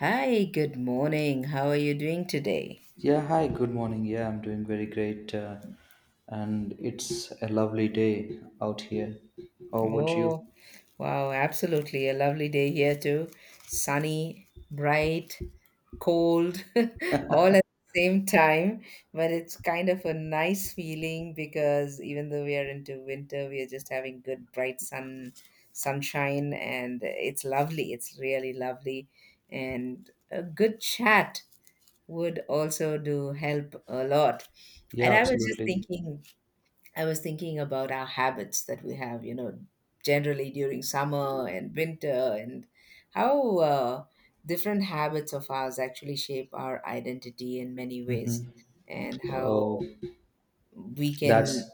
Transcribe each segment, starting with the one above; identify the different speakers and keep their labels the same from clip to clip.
Speaker 1: Hi, good morning. How are you doing today?
Speaker 2: Yeah, hi, good morning. Yeah, I'm doing very great. And it's a lovely day out here. How about you?
Speaker 1: Oh, wow, absolutely. A lovely day here too. Sunny, bright, cold, all at the same time. But it's kind of a nice feeling because even though we are into winter, we are just having good bright sunshine and it's lovely. It's really lovely. And a good chat would also do help a lot. And
Speaker 2: Yeah, absolutely.
Speaker 1: I was thinking about our habits that we have, you know, generally during summer and winter, and how different habits of ours actually shape our identity in many ways,
Speaker 2: Mm-hmm.
Speaker 1: and
Speaker 2: Oh,
Speaker 1: how we can
Speaker 2: that's,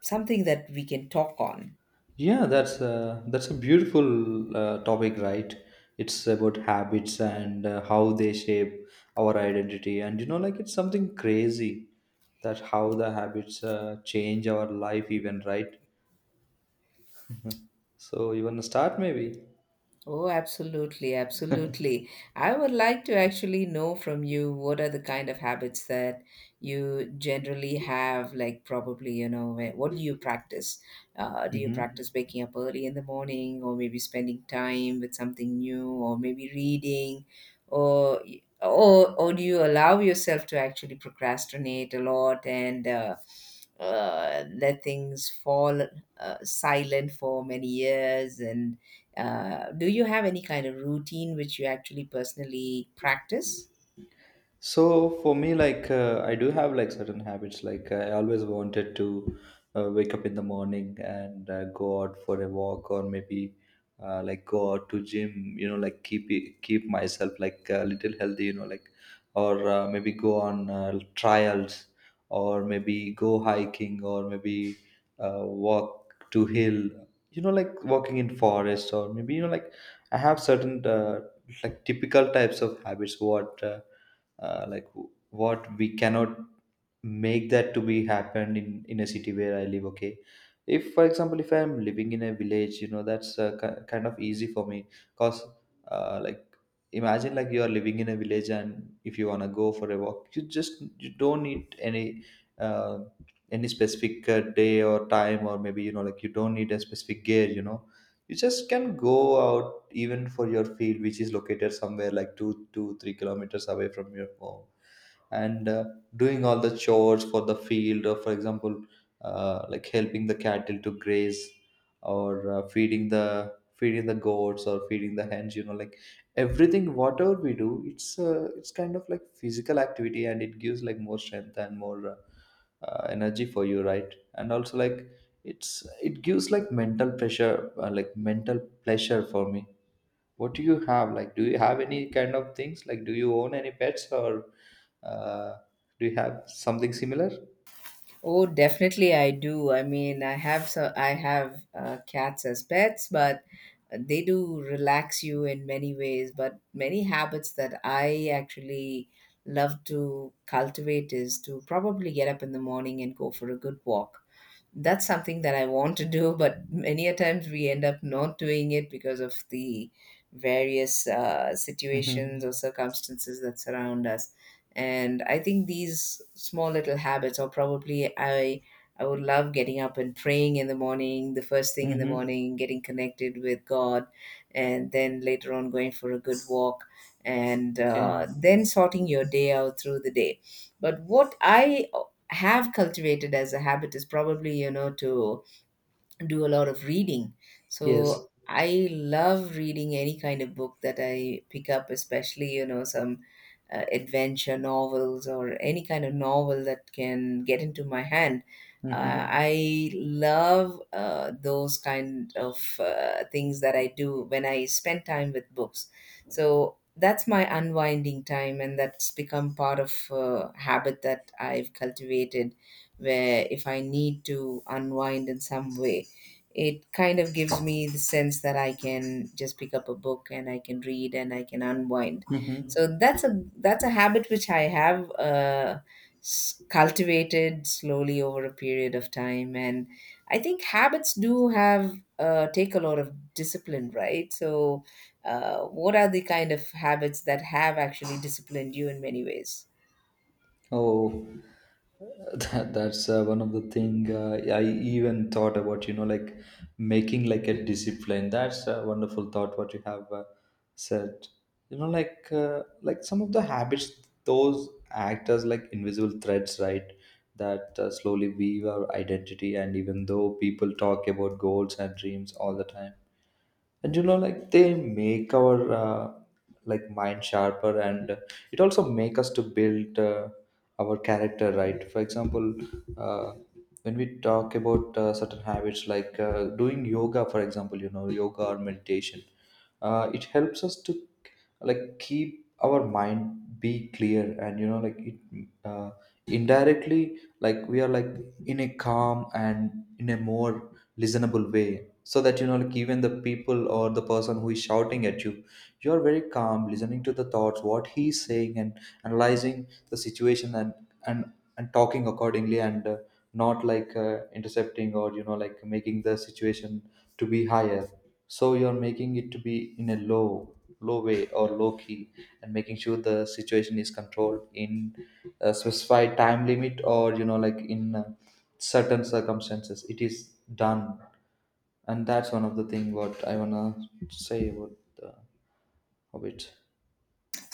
Speaker 1: something that we can talk on.
Speaker 2: yeah, that's a beautiful topic, right? It's about habits and how they shape our identity, and you know, like, it's something crazy that how the habits change our life, even, right? So you wanna start maybe?
Speaker 1: Oh, absolutely, absolutely. I would like to actually know from you what are the kind of habits that you generally have, like probably, you know, what do you practice? Do you
Speaker 2: Mm-hmm.
Speaker 1: practice waking up early in the morning, or maybe spending time with something new, or maybe reading, or or do you allow yourself to actually procrastinate a lot, and let things fall silent for many years, and do you have any kind of routine which you actually personally practice?
Speaker 2: So for me, like, I do have like certain habits. Like, I always wanted to wake up in the morning and go out for a walk, or maybe like go out to gym. You know, like, keep myself like a little healthy. You know, like, or maybe go on trials, or maybe go hiking, or maybe walk to hill. You know, like walking in forest, or maybe you know, like, I have certain like typical types of habits. Uh, like what we cannot make that to be happened in a city where I live. Okay, if, for example, if I'm living in a village, you know, that's kind of easy for me because like, imagine, like, you are living in a village, and if you want to go for a walk, you don't need uh, any specific day or time, or maybe you know, like, you don't need a specific gear, you know, you just can go out even for your field, which is located somewhere like two two three kilometers away from your home, and doing all the chores for the field, or for example, like, helping the cattle to graze, or feeding the goats, or feeding the hens. You know, like, everything whatever we do, it's kind of like physical activity, and it gives like more strength and more energy for you, right? And also, like, it gives like mental pressure, like mental pleasure for me. What do you have? Like, do you have any kind of things? Like, do you own any pets, or uh, do you have something similar?
Speaker 1: Oh, definitely I do. I have cats as pets, but they do relax you in many ways. But many habits that I actually love to cultivate is to probably get up in the morning and go for a good walk. That's something that I want to do, but many a times we end up not doing it because of the various
Speaker 2: Mm-hmm.
Speaker 1: situations or circumstances that surround us. And I think these small little habits, I would love getting up and praying in the morning, the first thing in the
Speaker 2: Mm-hmm.
Speaker 1: morning, getting connected with God, and then later on going for a good walk, and
Speaker 2: Okay.
Speaker 1: then sorting your day out through the day. But what I have cultivated as a habit is probably, you know, to do a lot of reading.
Speaker 2: Yes.
Speaker 1: So I love reading any kind of book that I pick up, especially, you know, some adventure novels or any kind of novel that can get into my hand.
Speaker 2: Mm-hmm.
Speaker 1: I love those kind of things that I do when I spend time with books. So that's my unwinding time, and that's become part of habit that I've cultivated, where if I need to unwind in some way, it kind of gives me the sense that I can just pick up a book and I can read and I can unwind.
Speaker 2: Mm-hmm.
Speaker 1: So that's a habit which I have cultivated slowly over a period of time, and I think habits do have take a lot of discipline, right? So, what are the kind of habits that have actually disciplined you in many ways?
Speaker 2: Oh, that's one of the thing I even thought about. You know, like making like a discipline. That's a wonderful thought, what you have said. You know, like, like, some of the habits, those act as like invisible threads, right? That slowly weave our identity. And even though people talk about goals and dreams all the time, and you know, like, they make our like mind sharper, and it also make us to build our character, right? For example, uh, when we talk about certain habits, like doing yoga, for example, you know, yoga or meditation, it helps us to like keep our mind be clear, and you know, like, it uh, indirectly, like we are like in a calm and in a more listenable way, so that you know, like, even the people, or the person who is shouting at you, you are very calm listening to the thoughts what he's saying, and analyzing the situation, and and talking accordingly, and not like intercepting, or you know, like, making the situation to be higher, so you're making it to be in a low way, or low key, and making sure the situation is controlled in a specified time limit, or you know, like, in certain circumstances, it is done. And that's one of the thing what I wanna say about the hobbit.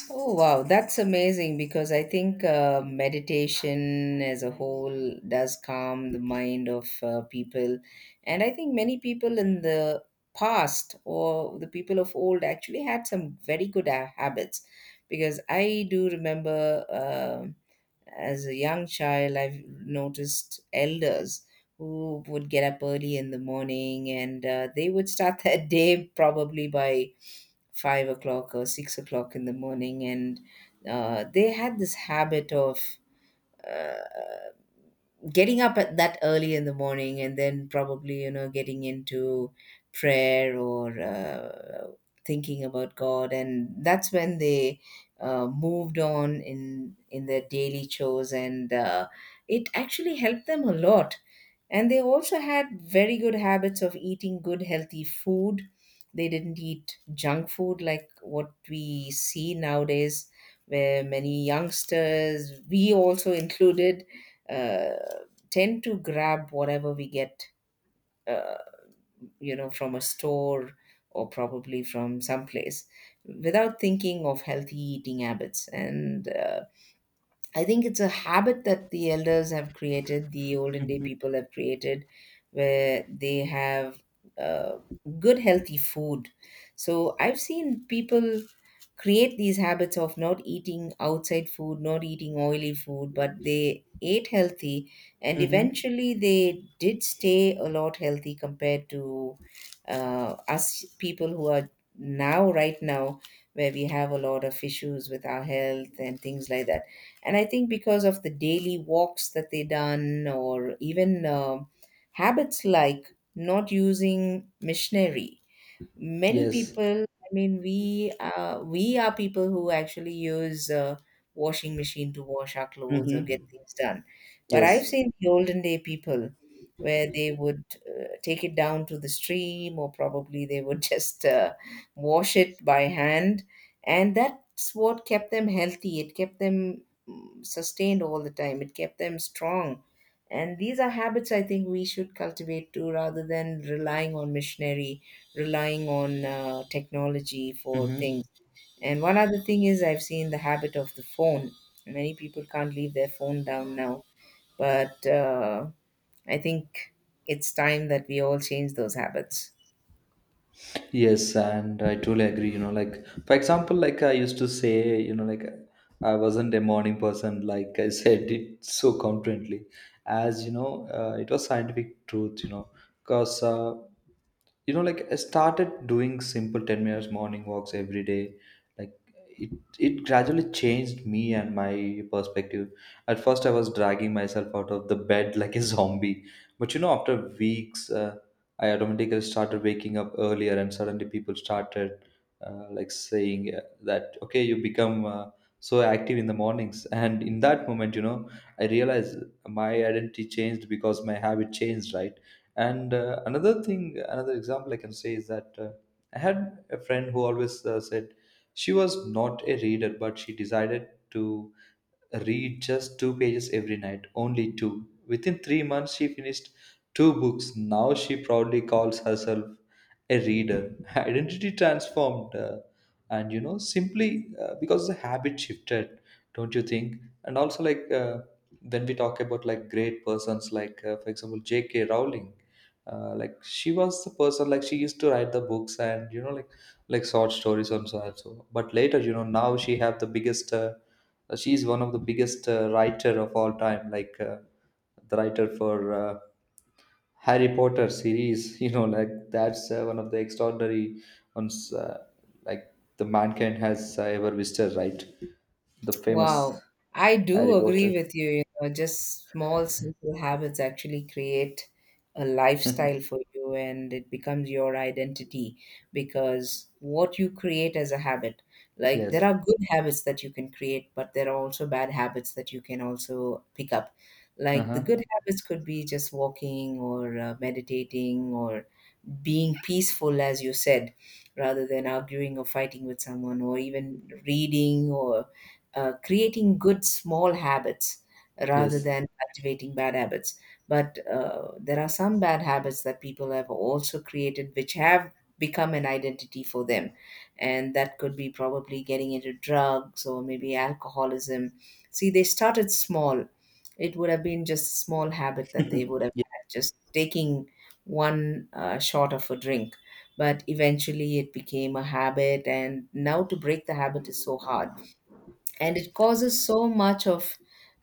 Speaker 1: Oh, wow. That's amazing, because I think meditation as a whole does calm the mind of people. And I think many people in the past, or the people of old, actually had some very good habits, because I do remember. As a young child, I've noticed elders who would get up early in the morning, and they would start their day probably by 5 o'clock or 6 o'clock in the morning. And they had this habit of. Uh, Getting up at that early in the morning, and then probably, you know, getting into prayer, or thinking about God, and that's when they moved on in their daily chores, and it actually helped them a lot. And they also had very good habits of eating good, healthy food. They didn't eat junk food like what we see nowadays, where many youngsters, we also included, uh, tend to grab whatever we get, uh, you know, from a store or probably from someplace, without thinking of healthy eating habits. And I think it's a habit that the elders have created, the olden day
Speaker 2: Mm-hmm.
Speaker 1: people have created, where they have uh, good, healthy food. So I've seen people create these habits of not eating outside food, not eating oily food, but they ate healthy, and
Speaker 2: Mm.
Speaker 1: eventually they did stay a lot healthy compared to us people who are now, right now, where we have a lot of issues with our health and things like that. And I think because of the daily walks that they done, or even habits like not using machinery. Many
Speaker 2: Yes.
Speaker 1: people, we are people who actually use washing machine to wash our clothes or get
Speaker 2: Mm-hmm.
Speaker 1: things done. But I've
Speaker 2: Yes.
Speaker 1: seen the olden day people, where they would take it down to the stream, or probably they would just wash it by hand, and that's what kept them healthy. It kept them sustained all the time, it kept them strong. And these are habits I think we should cultivate too, rather than relying on missionary, relying on technology for things. And one other thing is I've seen the habit of the phone. Many people can't leave their phone down now, but I think it's time that we all change those habits.
Speaker 2: Yes, and I truly agree. You know, like, for example, like I used to say, you know, like I wasn't a morning person. Like, I said it so confidently, as you know, it was scientific truth. You know, because you know, like, I started doing simple 10 minutes morning walks every day, like it it gradually changed me and my perspective. At first, I was dragging myself out of the bed like a zombie. But, you know, after weeks, I automatically started waking up earlier, and suddenly people started like saying, that, okay, you become so active in the mornings, and in that moment, you know, I realized my identity changed because my habit changed, right? And another thing, another example I can say is that, I had a friend who always said she was not a reader, but she decided to read just two pages every night, only two. Within 3 months, she finished two books. Now she proudly calls herself a reader. Identity transformed, and you know, simply because the habit shifted, don't you think? And also, like, then we talk about like great persons, like, for example, J.K. Rowling. Like, she was the person, like she used to write the books, and you know, like, short stories on so. But later, you know, now she have the biggest she's one of the biggest writer of all time, like the writer for uh, Harry Potter series. You know, like, that's one of the extraordinary ones, like the mankind has ever visited, right? The famous
Speaker 1: Wow. I do
Speaker 2: Harry Potter.
Speaker 1: agree with you. You know, just small, simple habits actually create a lifestyle for you, and it becomes your identity, because what you create as a habit, like there
Speaker 2: Yes.
Speaker 1: are good habits that you can create, but there are also bad habits that you can also pick up. Like the
Speaker 2: Uh-huh.
Speaker 1: good habits could be just walking, or meditating, or being peaceful, as you said, rather than arguing or fighting with someone, or even reading, or creating good small habits rather
Speaker 2: Yes.
Speaker 1: than cultivating bad habits. But there are some bad habits that people have also created, which have become an identity for them. And that could be probably getting into drugs, or maybe alcoholism. See, they started small. It would have been just a small habit that they would have
Speaker 2: Ye-
Speaker 1: had, just taking one shot of a drink. But eventually it became a habit, and now to break the habit is so hard, and it causes so much of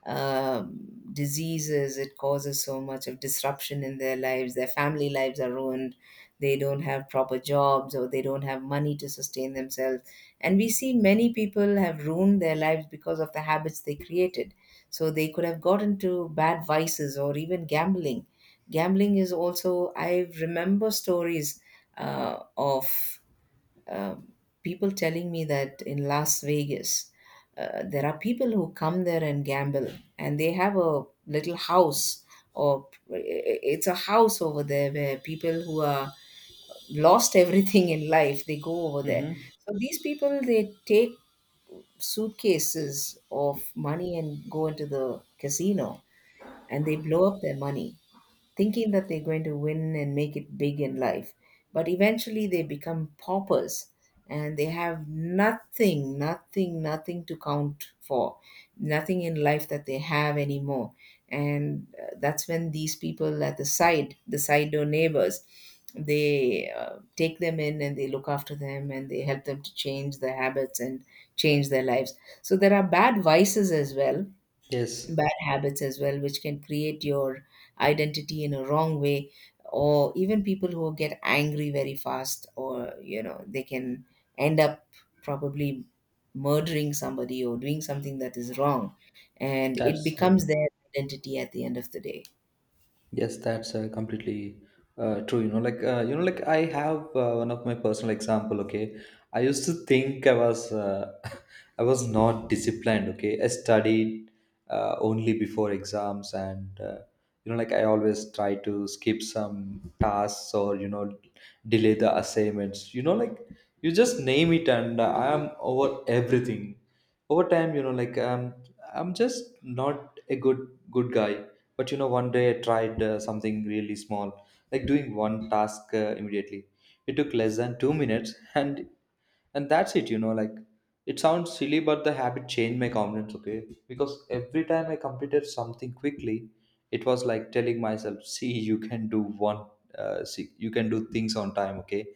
Speaker 1: um diseases, it causes so much of disruption in their lives. Their family lives are ruined, they don't have proper jobs, or they don't have money to sustain themselves. And we see many people have ruined their lives because of the habits they created. So they could have got into bad vices, or even gambling. Gambling is also, I remember stories of um, people telling me that in Las Vegas, there are people who come there and gamble, and they have a little house, or it's a house over there, where people who are lost everything in life they go over there.
Speaker 2: mhm.
Speaker 1: So these people they take suitcases of money and go into the casino, and they blow up their money thinking that they're going to win and make it big in life. But eventually they become paupers, and they have nothing, nothing, nothing to count for, nothing in life that they have anymore. And that's when these people at the side door neighbors, they take them in and they look after them and they help them to change their habits and change their lives. So there are bad vices as well,
Speaker 2: Yes.
Speaker 1: bad habits as well, which can create your identity in a wrong way, or even people who get angry very fast, or you know, they can end up probably murdering somebody or doing something that is wrong, and it
Speaker 2: that's
Speaker 1: becomes their identity at the end of the day.
Speaker 2: Yes, that's completely true. You know, like, you know, like, I have one of my personal example. Okay, I used to think I was I was not disciplined. Okay, I studied only before exams, and you know, like, I always try to skip some tasks, or, you know, delay the assignments. You know, like, you just name it, and I am over everything. Over time, you know, like, I'm just not a good guy. But, you know, one day I tried something really small, like doing one task immediately. It took less than 2 minutes, and that's it. You know, like, it sounds silly, but the habit changed my confidence. Okay, because every time I completed something quickly, it was like telling myself, "See, you can do one. See, you can do things on time." Okay,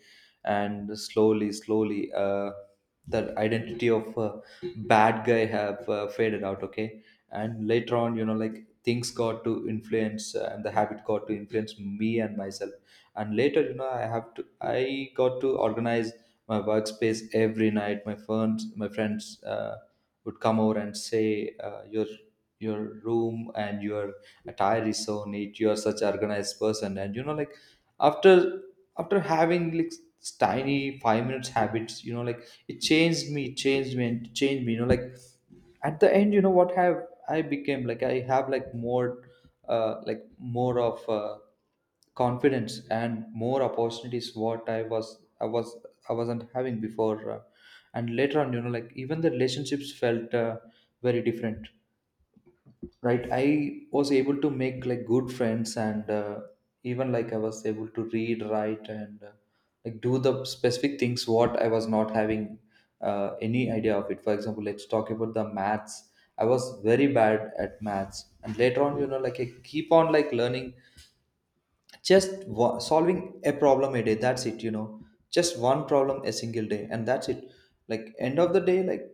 Speaker 2: and slowly, slowly, that identity of bad guy have faded out. Okay, and later on, you know, like, things got to influence, and the habit got to influence me and myself, and later, you know, I got to organize my workspace every night. My friends would come over and say, "Your your room and your attire is so neat. You are such an organized person." And you know, like, after after having like tiny 5 minutes habits, you know, like, it changed me, it changed me, and it changed me. You know, like, at the end, you know what have I became? Like, I have like more of confidence and more opportunities what i was I wasn't having before, and later on, you know, like, even the relationships felt very different, right? I was able to make like good friends, and even, like, I was able to read, write, and like do the specific things what I was not having any idea of it. For example, let's talk about the maths. I was very bad at maths, and later on, you know, like, I keep on like learning, just solving a problem a day, that's it, you know, just one problem a single day, and that's it. Like, end of the day, like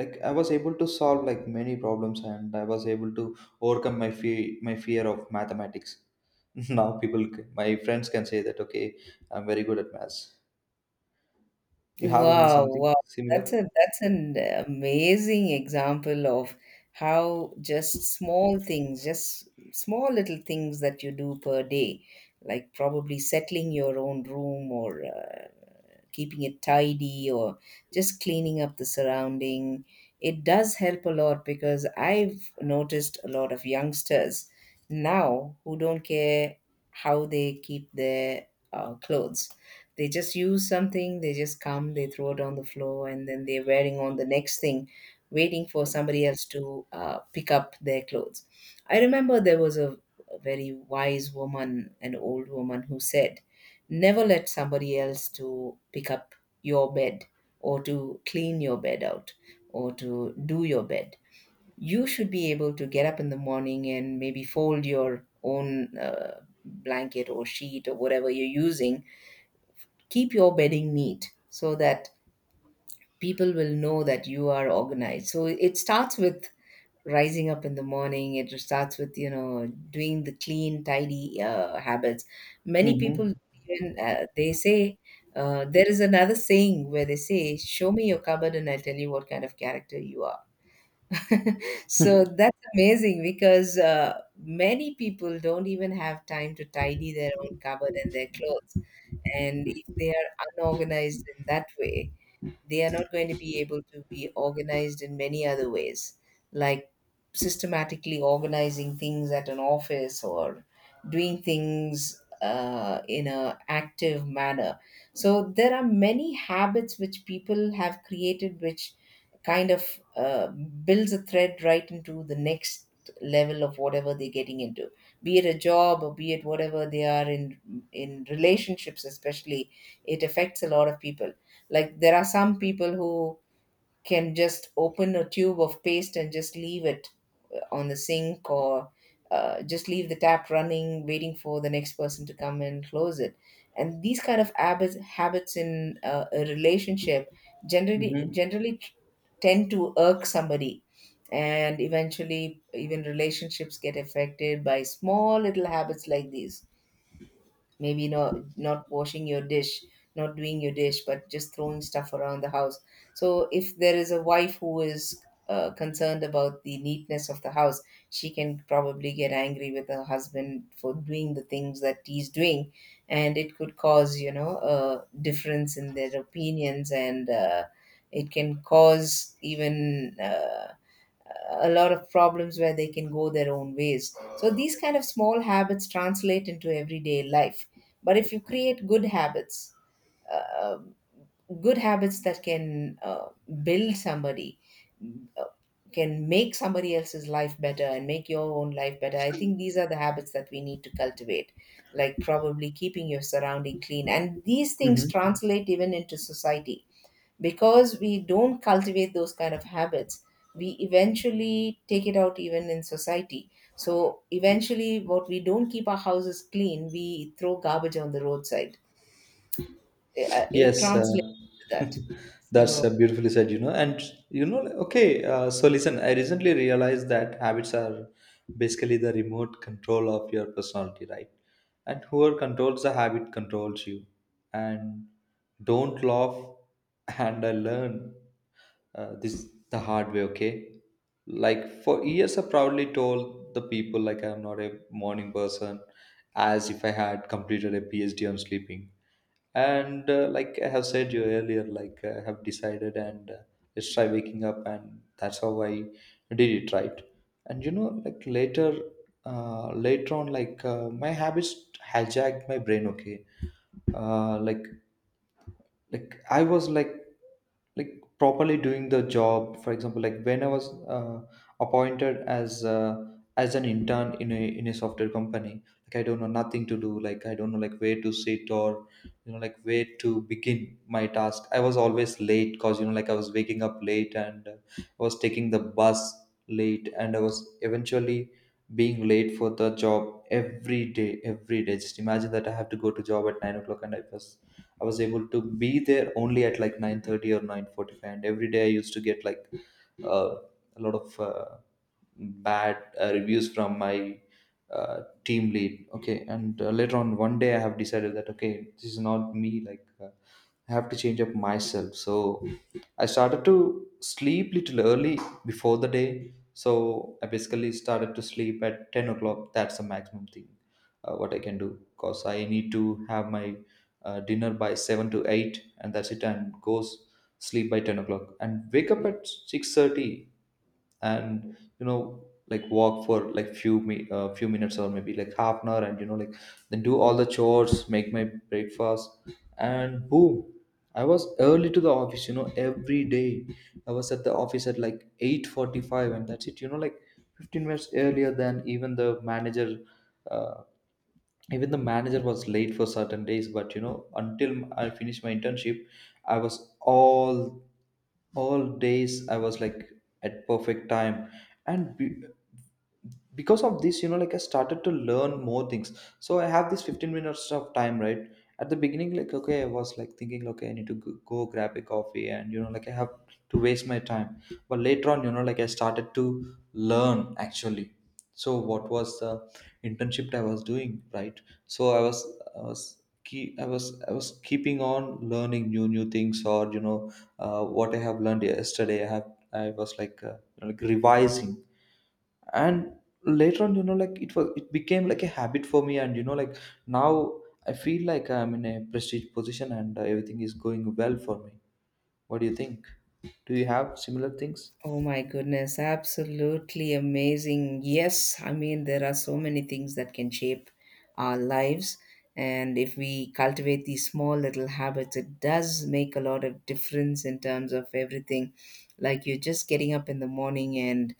Speaker 2: like I was able to solve like many problems, and I was able to overcome my fear, my fear of mathematics. Now my friends can say that, okay, I'm very good at maths. You have any
Speaker 1: Wow,
Speaker 2: something
Speaker 1: wow.
Speaker 2: similar?
Speaker 1: That's a that's an amazing example of how just small things, just small little things that you do per day, like probably settling your own room, or keeping it tidy, or just cleaning up the surrounding, it does help a lot, because I've noticed a lot of youngsters now who don't care how they keep their clothes. They just use something, they just come, they throw it on the floor, and then they're wearing on the next thing, waiting for somebody else to pick up their clothes. I remember there was a very wise woman, an old woman, who said, never let somebody else to pick up your bed, or to clean your bed out, or to do your bed. You should be able to get up in the morning and maybe fold your own blanket or sheet or whatever you're using. Keep your bedding neat so that people will know that you are organized. So it starts with rising up in the morning. It starts with doing the clean tidy habits. Many
Speaker 2: Mm-hmm.
Speaker 1: people, even they say, there is another saying where they say, show me your cupboard and I'll tell you what kind of character you are. So that's amazing because many people don't even have time to tidy their own cupboard and their clothes. And if they are unorganized in that way, they are not going to be able to be organized in many other ways, like systematically organizing things at an office or doing things in a active manner. So there are many habits which people have created, which kind of builds a thread right into the next level of whatever they're getting into, be it a job or be it whatever they are in relationships especially. It affects a lot of people. Like there are some people who can just open a tube of paste and just leave it on the sink, or just leave the tap running, waiting for the next person to come and close it. And these kind of habits, habits in a relationship, generally tend to irk somebody, and eventually even relationships get affected by small little habits like these. Maybe not washing your dish, not doing your dish, but just throwing stuff around the house. So if there is a wife who is concerned about the neatness of the house, she can probably get angry with her husband for doing the things that he's doing, and it could cause a difference in their opinions, and it can cause even a lot of problems where they can go their own ways. So these kind of small habits translate into everyday life. But if you create uh, good habits that can build somebody, uh, can make somebody else's life better and make your own life better, I think these are the habits that we need to cultivate, like probably keeping your surrounding clean. And these things
Speaker 2: Mm-hmm.
Speaker 1: translate even into society, because we don't cultivate those kind of habits, we eventually take it out even in society. So eventually, what, we don't keep our houses clean, we throw garbage on the roadside. It
Speaker 2: Yes,
Speaker 1: translates to that.
Speaker 2: that's
Speaker 1: So
Speaker 2: beautifully said, you know. And, you know, okay, so, listen, I recently realized that habits are basically the remote control of your personality, right? And whoever controls the habit controls you. And don't laugh, and I learn this the hard way, okay? Like, for years, I proudly told the people, like, I'm not a morning person, as if I had completed a PhD on sleeping and like I have said you earlier like I have decided and let's try waking up, and that's how I did it, right? And you know like later on my habits hijacked my brain, okay? uh, like like I was like properly doing the job. For example, like when I was uh, appointed as an intern in a software company, like I don't know nothing to do, like I don't know like where to sit or you know like where to begin my task. I was always late because you know like I was waking up late and I was taking the bus late and I was eventually being late for the job every day. Every day, just imagine that I have to go to job at 9 o'clock and I was able to be there only at like 9:30 or 9:45. And every day I used to get like uh, a lot of bad reviews from my uh, team lead, okay. And later on one day I have decided that okay, this is not me. Like I have to change up myself. So I started to sleep little early before the day. So I basically started to sleep at 10 o'clock. That's the maximum thing what I can do, because I need to have my dinner by 7 to 8 and that's it, and goes sleep by 10 o'clock and wake up at 6:30. And you know like walk for like few minutes or maybe like half an hour, and you know like then do all the chores, make my breakfast, and boom, I was early to the office, you know, every day I was at the office at like 8:45. And that's it, you know like 15 minutes earlier than even the manager. uh, Even the manager was late for certain days, but you know until I finished my internship I was all days I was like at perfect time. And because of this, you know like I started to learn more things. So I have this 15 minutes of time, right? At the beginning, like okay I was like thinking okay I need to go grab a coffee and you know like I have to waste my time. But later on you know like I started to learn actually. So what was the internship I was doing, right? So i was I was keeping on learning new things, or you know what I have learned yesterday I was like revising. And later on you know like it became like a habit for me. And you know like now I feel like I'm in a prestige position and everything is going well for me. What do you think? Do you have similar things?
Speaker 1: oh my goodness, absolutely amazing. Yes, I mean, there are so many things that can shape our lives. And if we cultivate these small little habits, it does make a lot of difference in terms of everything. Like you're just getting up in the morning and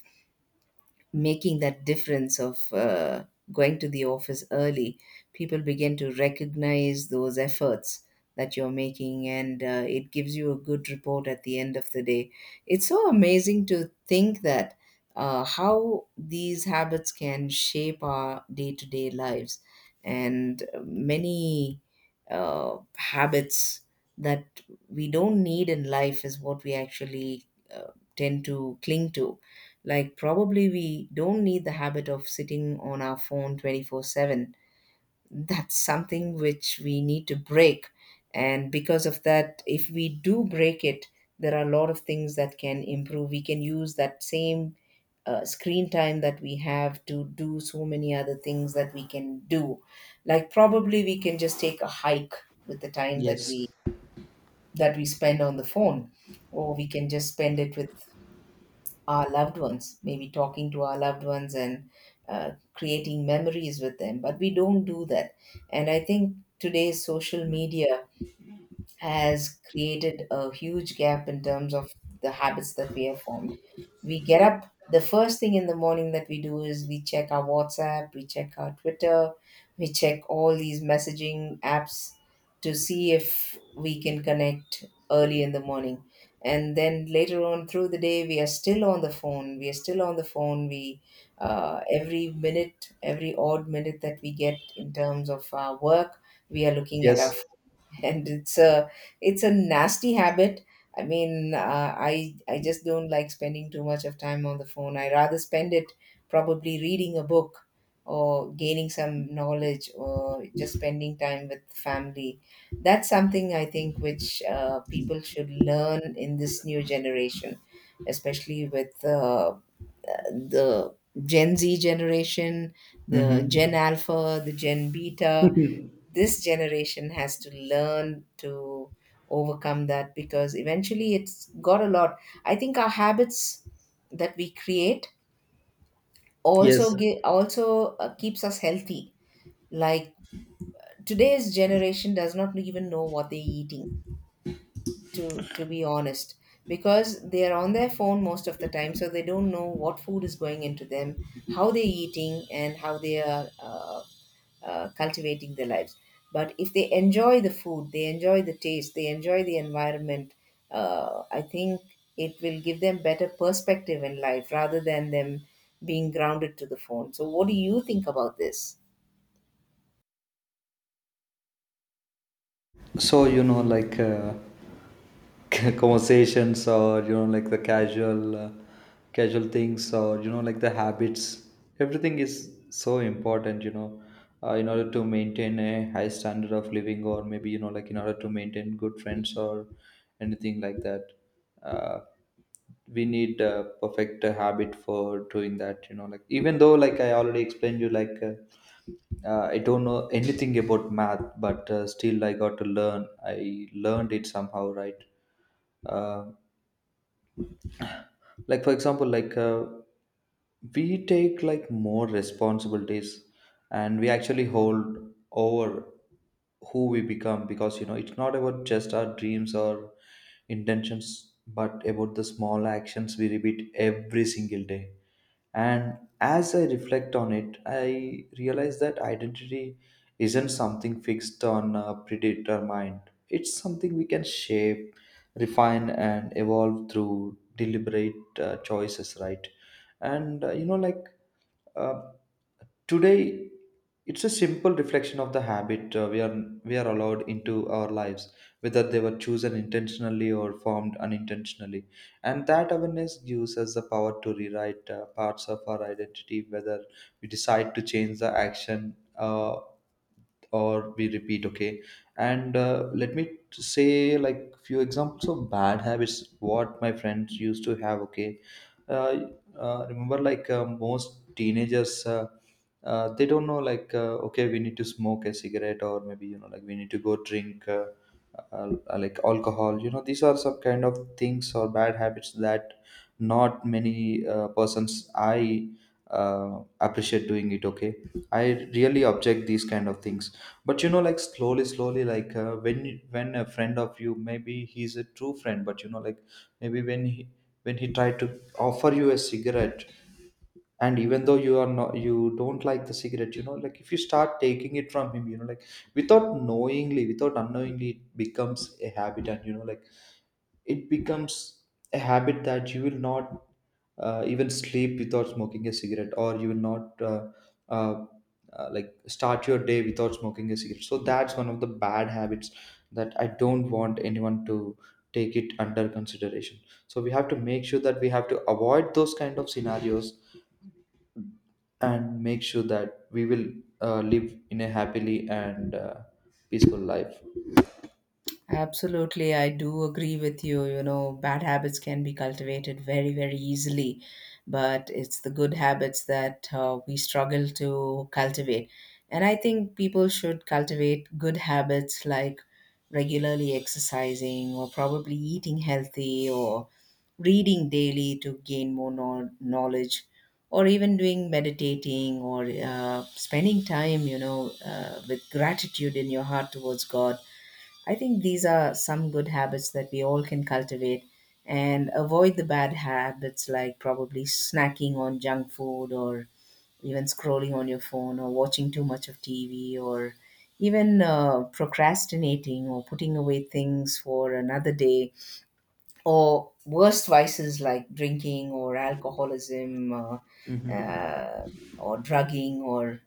Speaker 1: making that difference of going to the office early, people begin to recognize those efforts that you're making, and it gives you a good report at the end of the day. It's so amazing to think that how these habits can shape our day to day lives, and many habits that we don't need in life is what we actually tend to cling to. Like, probably we don't need the habit of sitting on our phone 24/7. That's something which we need to break. And because of that, if we do break it, there are a lot of things that can improve. We can use that same screen time that we have to do so many other things that we can do. Like, probably we can just take a hike with the time that we
Speaker 2: Yes.
Speaker 1: that we spend on the phone, or we can just spend it with our loved ones, maybe talking to our loved ones and creating memories with them, but we don't do that. And I think today's social media has created a huge gap in terms of the habits that we have formed. We get up, the first thing in the morning that we do is we check our WhatsApp, we check our Twitter, we check all these messaging apps to see if we can connect early in the morning. And then later on through the day, we are still on the phone. We are still on the phone. We every minute, every odd minute that we get in terms of our work, we are looking at our
Speaker 2: Yes.
Speaker 1: phone, and it's a nasty habit. I mean, I just don't like spending too much of time on the phone. I rather spend it probably reading a book or gaining some knowledge or just spending time with family. That's something I think which people should learn in this new generation, especially with the gen z generation, the gen
Speaker 2: Mm-hmm.
Speaker 1: alpha, the gen beta. This generation has to learn to overcome that, because eventually it's got a lot. I think our habits that we create
Speaker 2: Yes.
Speaker 1: also give, also keeps us healthy. Like today's generation does not even know what they're eating, to to be honest, because they are on their phone most of the time, so they don't know what food is going into them, how they're eating, and how they are cultivating their lives. But if they enjoy the food, they enjoy the taste, they enjoy the environment, uh, I think it will give them better perspective in life rather than them being grounded to the phone. So what do you think about this?
Speaker 2: So, you know, like conversations or, you know, like the casual things, or, you know, like the habits, everything is so important, you know, in order to maintain a high standard of living or maybe, you know, like in order to maintain good friends or anything like that. Uh, we need a perfect habit for doing that, you know, like even though, like I already explained you, like, I don't know anything about math, but still I got to learn. I learned it somehow, right? Uh, like for example, we take like more responsibilities, and we actually hold over who we become, because you know it's not about just our dreams or intentions, but about the small actions we repeat every single day. And as I reflect on it, I realize that identity isn't something fixed on predetermined. It's something we can shape, refine, and evolve through deliberate choices, right? And you know, like uh, today, it's a simple reflection of the habit we are allowed into our lives, whether they were chosen intentionally or formed unintentionally. And that awareness gives us the power to rewrite parts of our identity, whether we decide to change the action. uh, or we repeat, okay. And let me say like few examples of bad habits what my friends used to have, okay. uh, Remember like most teenagers they don't know like okay we need to smoke a cigarette, or maybe you know like we need to go drink like alcohol. You know, these are some kind of things or bad habits that not many persons I appreciate doing it, okay. I really object these kind of things. But you know like slowly slowly like when a friend of you, maybe he's a true friend, but you know like maybe when he tried to offer you a cigarette, and even though you are not you don't like the cigarette, you know like if you start taking it from him, you know like without knowingly without unknowingly it becomes a habit. And you know like it becomes a habit that you will not even sleep without smoking a cigarette, or you will not uh, like start your day without smoking a cigarette. So that's one of the bad habits, that I don't want anyone to take it under consideration. So we have to make sure that we have to avoid those kind of scenarios, and make sure that we will live in a happily and peaceful life.
Speaker 1: Absolutely, I do agree with you. You know, bad habits can be cultivated very, very easily, but it's the good habits that we struggle to cultivate. And I think people should cultivate good habits like regularly exercising or probably eating healthy or reading daily to gain more knowledge, or even doing meditating or spending time, you know, with gratitude in your heart towards God. I think these are some good habits that we all can cultivate and avoid the bad habits, like probably snacking on junk food, or even scrolling on your phone or watching too much of TV, or even procrastinating or putting away things for another day, or worst vices like drinking or alcoholism,
Speaker 2: Hmm.
Speaker 1: or drugging, or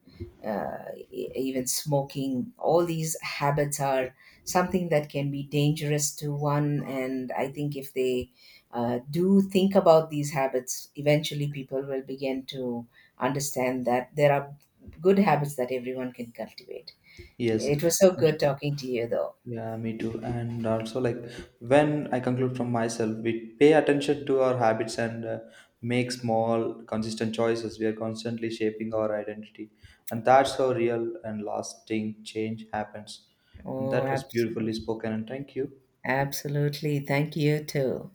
Speaker 1: even smoking. All these habits are something that can be dangerous to one, and I think if they do think about these habits, eventually people will begin to understand that there are good habits that everyone can cultivate.
Speaker 2: Yes.
Speaker 1: It was so good talking to you though.
Speaker 2: Yeah, me too. And also, like, when I conclude from myself, we pay attention to our habits and make small, consistent choices. We are constantly shaping our identity. And that's how real and lasting change happens. And
Speaker 1: Oh
Speaker 2: that was beautifully
Speaker 1: absolutely.
Speaker 2: spoken. And thank you.
Speaker 1: Absolutely, thank you too.